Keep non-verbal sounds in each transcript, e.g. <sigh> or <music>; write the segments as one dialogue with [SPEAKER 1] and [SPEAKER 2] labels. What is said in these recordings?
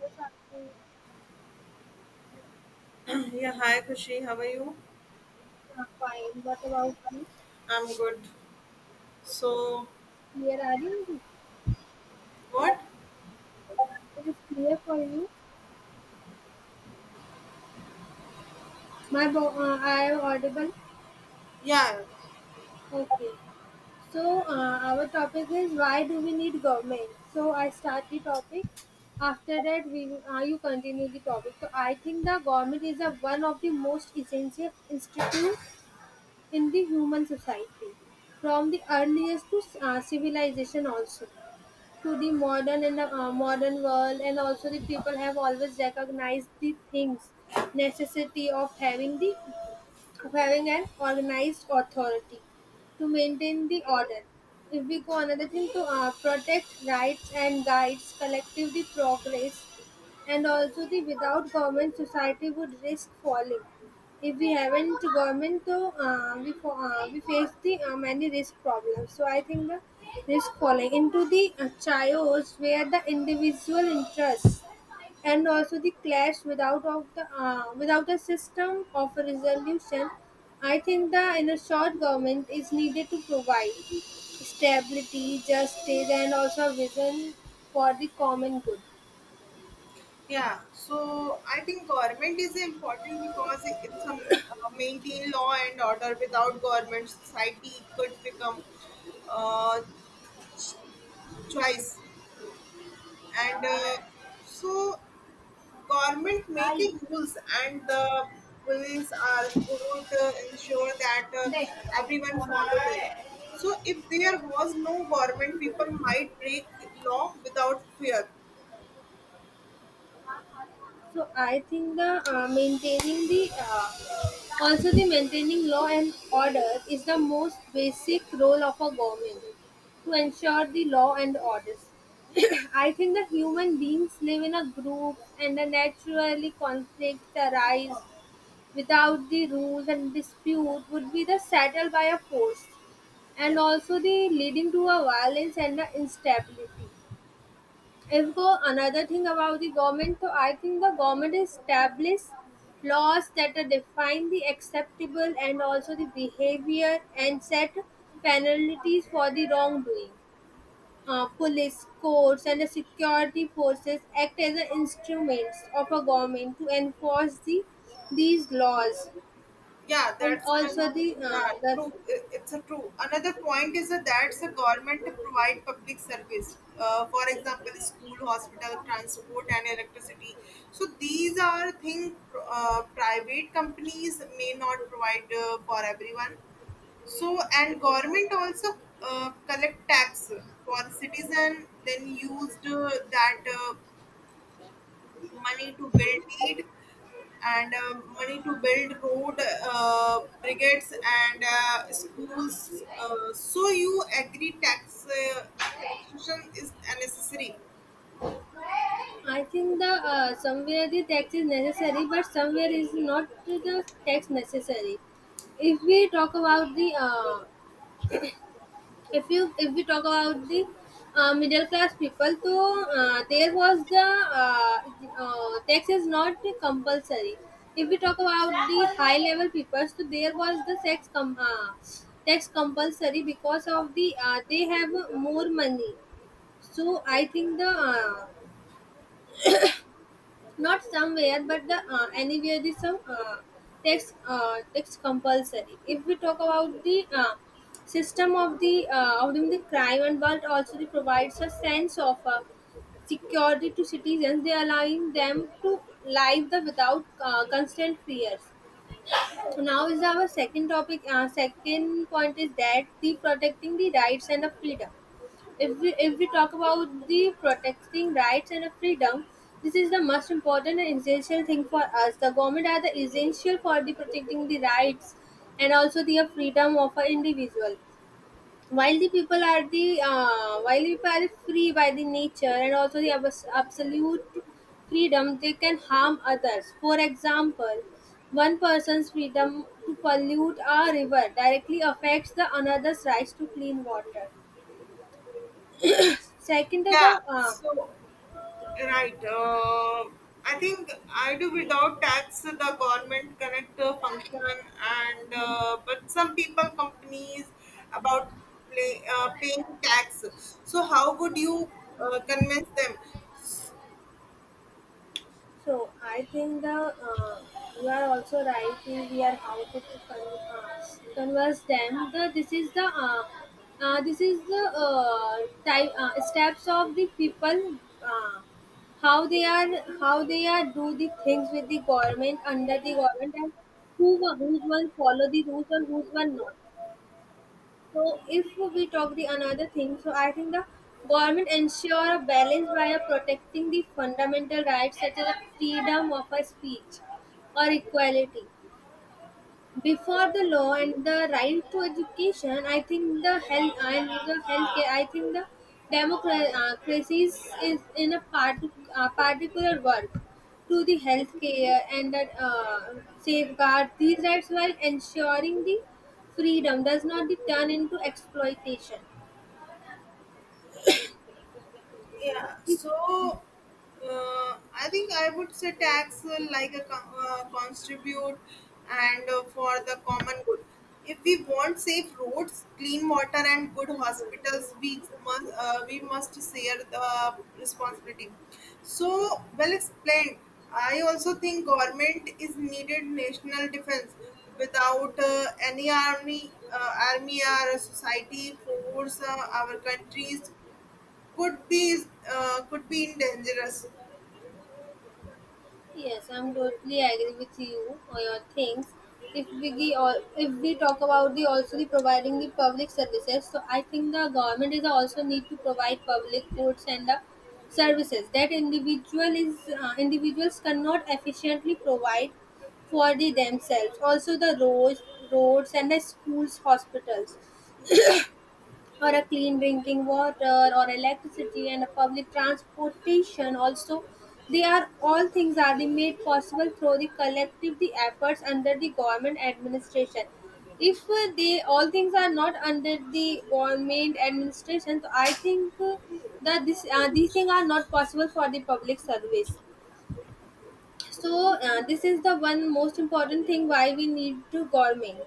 [SPEAKER 1] Yes, I
[SPEAKER 2] Yeah, hi Kushi, how are you?
[SPEAKER 1] fine. What about you?
[SPEAKER 2] I'm good. So,
[SPEAKER 1] Clear are you?
[SPEAKER 2] what?
[SPEAKER 1] It is clear for you. I am audible.
[SPEAKER 2] Yeah,
[SPEAKER 1] Okay. So our topic is why do we need government? So I start the topic. After that, we you continue the topic. So I think the government is a, one of the most essential institute in the human society, from the earliest to civilization also to the modern and modern world and also the people have always recognized the things necessity of having the of having an organized authority to maintain the order if we go another thing to protect rights and guides collectively progress and also the without government society would risk falling if we haven't government to we for we face the many risk problems. So I think the risk falling into the chaos where the individual interests and also the clash without of the without a system of resolution. I think the in a short government is needed to provide stability, justice, and also a vision for the common good.
[SPEAKER 2] yeah. So, I think government is important because it's a maintain law and order. Without government, society could become uh, choice. And uh, so, Government make a rules and the police are court ensure that everyone follow them. So if there was no government, people might break law without fear.
[SPEAKER 1] So I think the maintaining the also the maintaining law and order is the most basic role of a government to ensure the law and orders. <coughs> I think the human beings live in a group and the naturally conflicts arise without the rules and dispute would be the settled by a force
[SPEAKER 2] Yeah.
[SPEAKER 1] and also the leading to a violence and the instability if go another thing about the government, so I think the government establish laws that are define the acceptable and also the behavior and set penalties for the wrongdoing. Police, courts, and the security forces act as the instruments of a government to enforce the these laws,
[SPEAKER 2] Yeah,
[SPEAKER 1] and
[SPEAKER 2] that's a
[SPEAKER 1] also
[SPEAKER 2] yeah
[SPEAKER 1] the
[SPEAKER 2] true. It's a true. Another point is that that's a government to provide public service. For example, school, hospital, transport, and electricity. So these are things private companies may not provide for everyone. So and government also collect tax for citizen, then used that money to build need and money to build road, brigades, and schools. So you agree taxation is necessary?
[SPEAKER 1] I think the somewhere the tax is necessary, but somewhere is not the tax necessary. If we talk about the if we talk about the middle class people, so there was the tax is not compulsory. If we talk about the high level people, so there was the tax compulsory because of the they have more money. So I think the not somewhere but the anywhere the some text text compulsory if we talk about the system of the crime and but also it provides a sense of security to citizens they allowing them to live the without constant fears so now is our second topic. Second point is that the protecting the rights and the freedom. If we talk about the protecting rights and the freedom, this is the most important and essential thing for us. The government are the essential for the protecting the rights and also the freedom of an individual while the people are the while the people are free by the nature and also the absolute freedom they can harm others for example one person's freedom to pollute a river directly affects the another's rights to clean water second
[SPEAKER 2] Yeah.
[SPEAKER 1] the
[SPEAKER 2] So right. I think I do without tax the government connect function and but some people companies about play, paying tax. So how would you convince them?
[SPEAKER 1] So I think the you are also right If we are how to con- uh, converse them. The this is the this is the type steps of the people uh, how they are how they are do the things with the government under the government and who will follow the rules and who will not. So if we talk the another thing, so I think the government ensure a balance by protecting the fundamental rights such as the freedom of a speech or equality before the law and the right to education I think the health and the healthcare I think the democracy is in a part, particular work to the healthcare and that safeguard these rights while ensuring the freedom does not be turned into exploitation
[SPEAKER 2] Yeah, so I think I would say tax like a contribute and for the common good. If we want safe roads, clean water, and good hospitals, we must share the responsibility. So well explained. I also think government is needed national defense. Without any army, army or society force, our countries could be could be dangerous.
[SPEAKER 1] Yes, I'm totally agree with you on your things. If we gi- or if we talk about the also the providing the public services, so I think the government is also need to provide public goods and the services that individuals cannot efficiently provide for the themselves. Also the roads, roads and the schools, hospitals or a clean drinking water or electricity and a public transportation also they are all things are the made possible through the collective the efforts under the government administration if they all things are not under the government administration so I think that this these things are not possible for the public service so this is the one most important thing why we need to government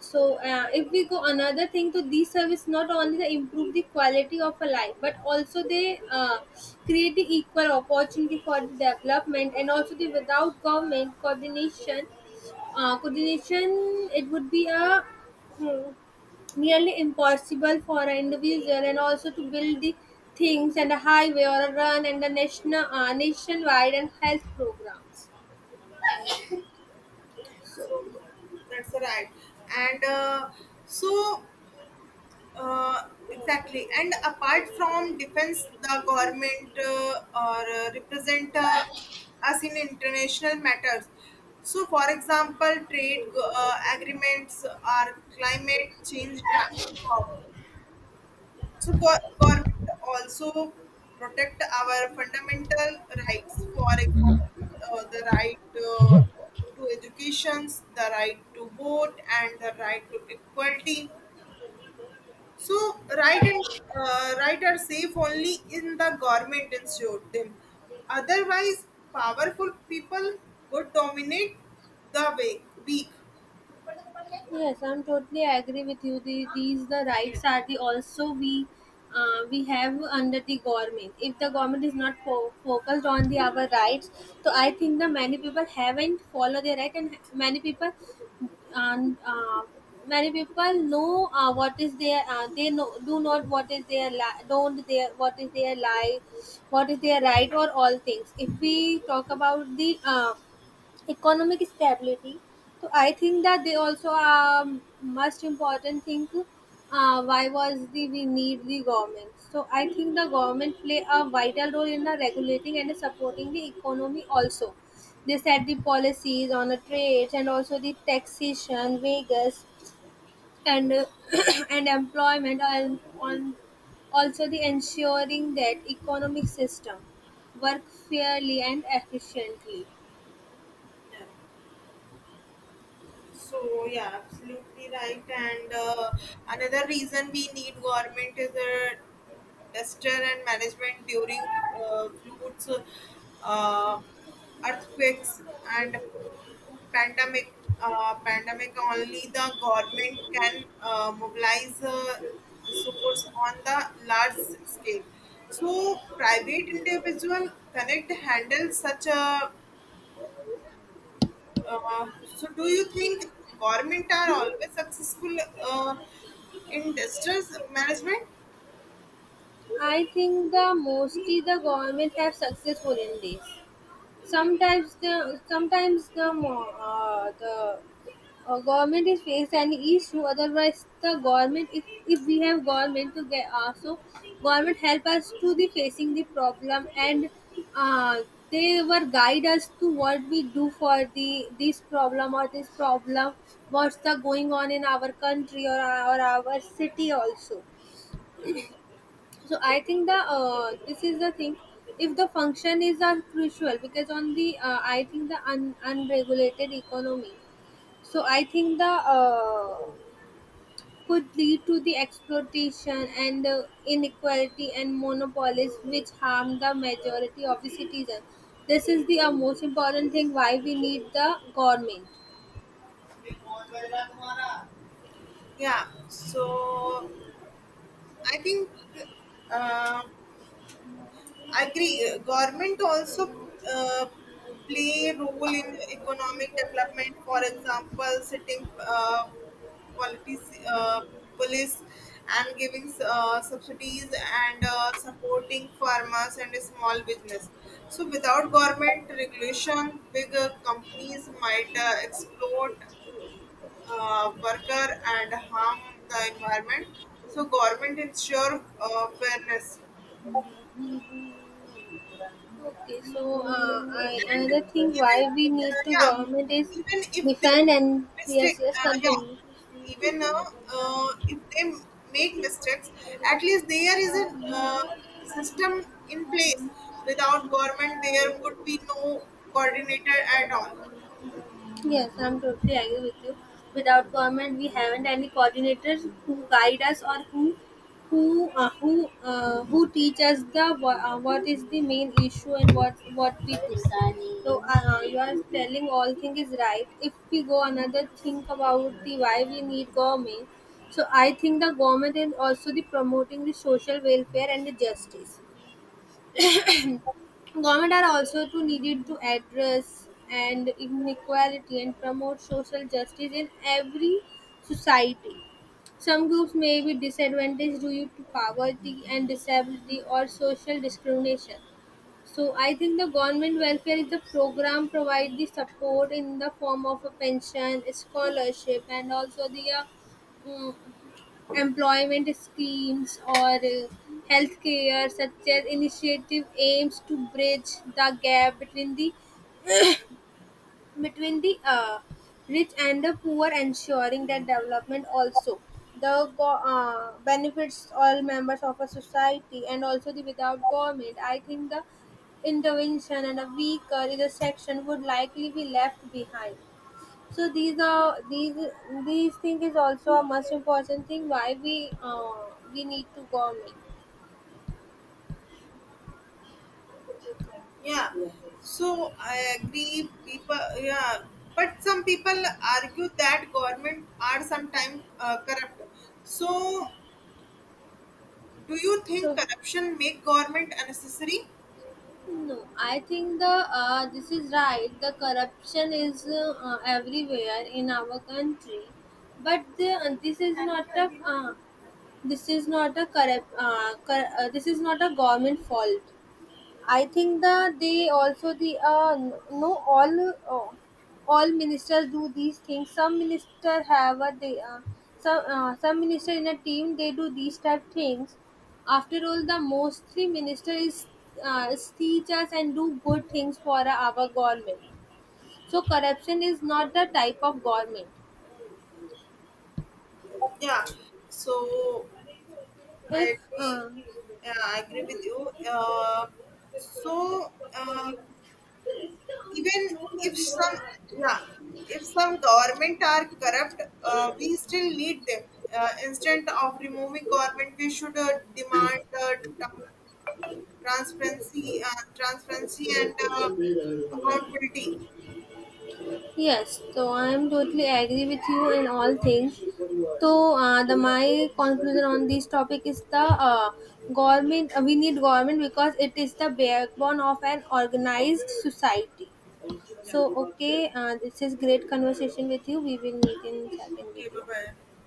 [SPEAKER 1] so if we go another thing to these service not only they improve the quality of a life but also they create the equal opportunity for the development and also the without government coordination coordination it would be a hmm, nearly impossible for an individual and also to build the things and a highway or a run and a national nationwide and health programs
[SPEAKER 2] So that's right and so uh, exactly. And apart from defense, the government or represent us in international matters. So for example, trade agreements or climate change talk. So government also protect our fundamental rights. For example, the right to education, the right to vote, and the right to equality. So right and right are safe only in the government ensure them. Otherwise, powerful people would dominate the weak.
[SPEAKER 1] Yes, I'm totally agree with you. The, these the rights are the also we have under the government. If the government is not focused on the our rights, so I think the many people haven't follow their right, and many people know what is their they know do not what is their don't their what is their life, what is their right or all things. If we talk about the economic stability. So I think that they also are most important thing. Why was the we need the government? So I think the government play a vital role in the regulating and supporting the economy also. They set the policies on the trade and also the taxation, wages, and <clears throat> and employment and on also the ensuring that economic system work fairly and efficiently
[SPEAKER 2] Yeah. So yeah, absolutely right. And Another reason we need government is a disaster and management during floods, uh, earthquakes, and pandemic. Pandemic, only the government can mobilize resource on the large scale. So private individual cannot handle such a so do you think government are always successful uh, in distress management?
[SPEAKER 1] I think the mostly the government have successful in this. Sometimes the mo- the government is faced an issue. Otherwise, the government if we have government to get so government help us to the facing the problem and uh, they were guide us to what we do for the this problem or this problem what's the going on in our country or our city also so I think the this is the thing if the function is are crucial because on the I think the unregulated economy so I think the could lead to the exploitation and inequality and monopolies which harm the majority of the citizens this is the most important thing why we need the government
[SPEAKER 2] Yeah so i think uh, Agree. Government also uh, play a role in economic development. For example, setting policies, police and giving subsidies and supporting farmers and small business. So without government regulation, bigger companies might exploit worker and harm the environment. So government ensure fairness.
[SPEAKER 1] Okay, so I,
[SPEAKER 2] And
[SPEAKER 1] another thing
[SPEAKER 2] even
[SPEAKER 1] why we
[SPEAKER 2] uh,
[SPEAKER 1] need to
[SPEAKER 2] yeah,
[SPEAKER 1] government is
[SPEAKER 2] even if they
[SPEAKER 1] defend and yes,
[SPEAKER 2] mistake,
[SPEAKER 1] yes,
[SPEAKER 2] yeah,
[SPEAKER 1] continue.
[SPEAKER 2] even if they make mistakes, at least there is a system in place. Without government, there would be no coordinator at all.
[SPEAKER 1] Yes, I'm totally agree with you. Without government, we haven't any coordinators who guide us or who who teach us the what is the main issue and what we do. So you are telling all thing is right. If we go another think about the why we need government. So I think the government is also the promoting the social welfare and the justice. Government are also to needed to address and inequality and promote social justice in every society. Some groups may be disadvantaged due to poverty and disability or social discrimination. So I think the government welfare is the program provide the support in the form of a pension, scholarship, and also the mm, employment schemes or healthcare such as initiative aims to bridge the gap between the rich and the poor, ensuring that development also the benefits all members of a society and also the without government. I think the intervention and a weaker is a section would likely be left behind. So these are these thing is also a most important thing why we need to government.
[SPEAKER 2] Yeah, so I agree. People, yeah, but some people argue that government are sometimes corrupt. So, do you think
[SPEAKER 1] So
[SPEAKER 2] corruption make government unnecessary?
[SPEAKER 1] no, I think the this is right. The corruption is everywhere in our country, but the, this is not a this is not a this is not a government fault I think that they also the no all all ministers do these things. Some minister have a they some minister in a team they do these type things. After all, the mostly minister is teachers and do good things for our government. So corruption is not the type of government.
[SPEAKER 2] Yeah, so
[SPEAKER 1] If
[SPEAKER 2] I agree.
[SPEAKER 1] uh,
[SPEAKER 2] Yeah, I agree with you. Uh, so uh, Even if some, yeah, if some government are corrupt, we still need them. Instead of removing government, we should demand tran- transparency and accountability.
[SPEAKER 1] Yes, so I am totally agree with you in all things. So the my conclusion on this topic is the government. We need government because it is the backbone of an organized society.
[SPEAKER 2] Yeah.
[SPEAKER 1] So okay, this is great conversation with you. We will meet in second
[SPEAKER 2] Okay. Bye
[SPEAKER 1] video.
[SPEAKER 2] bye.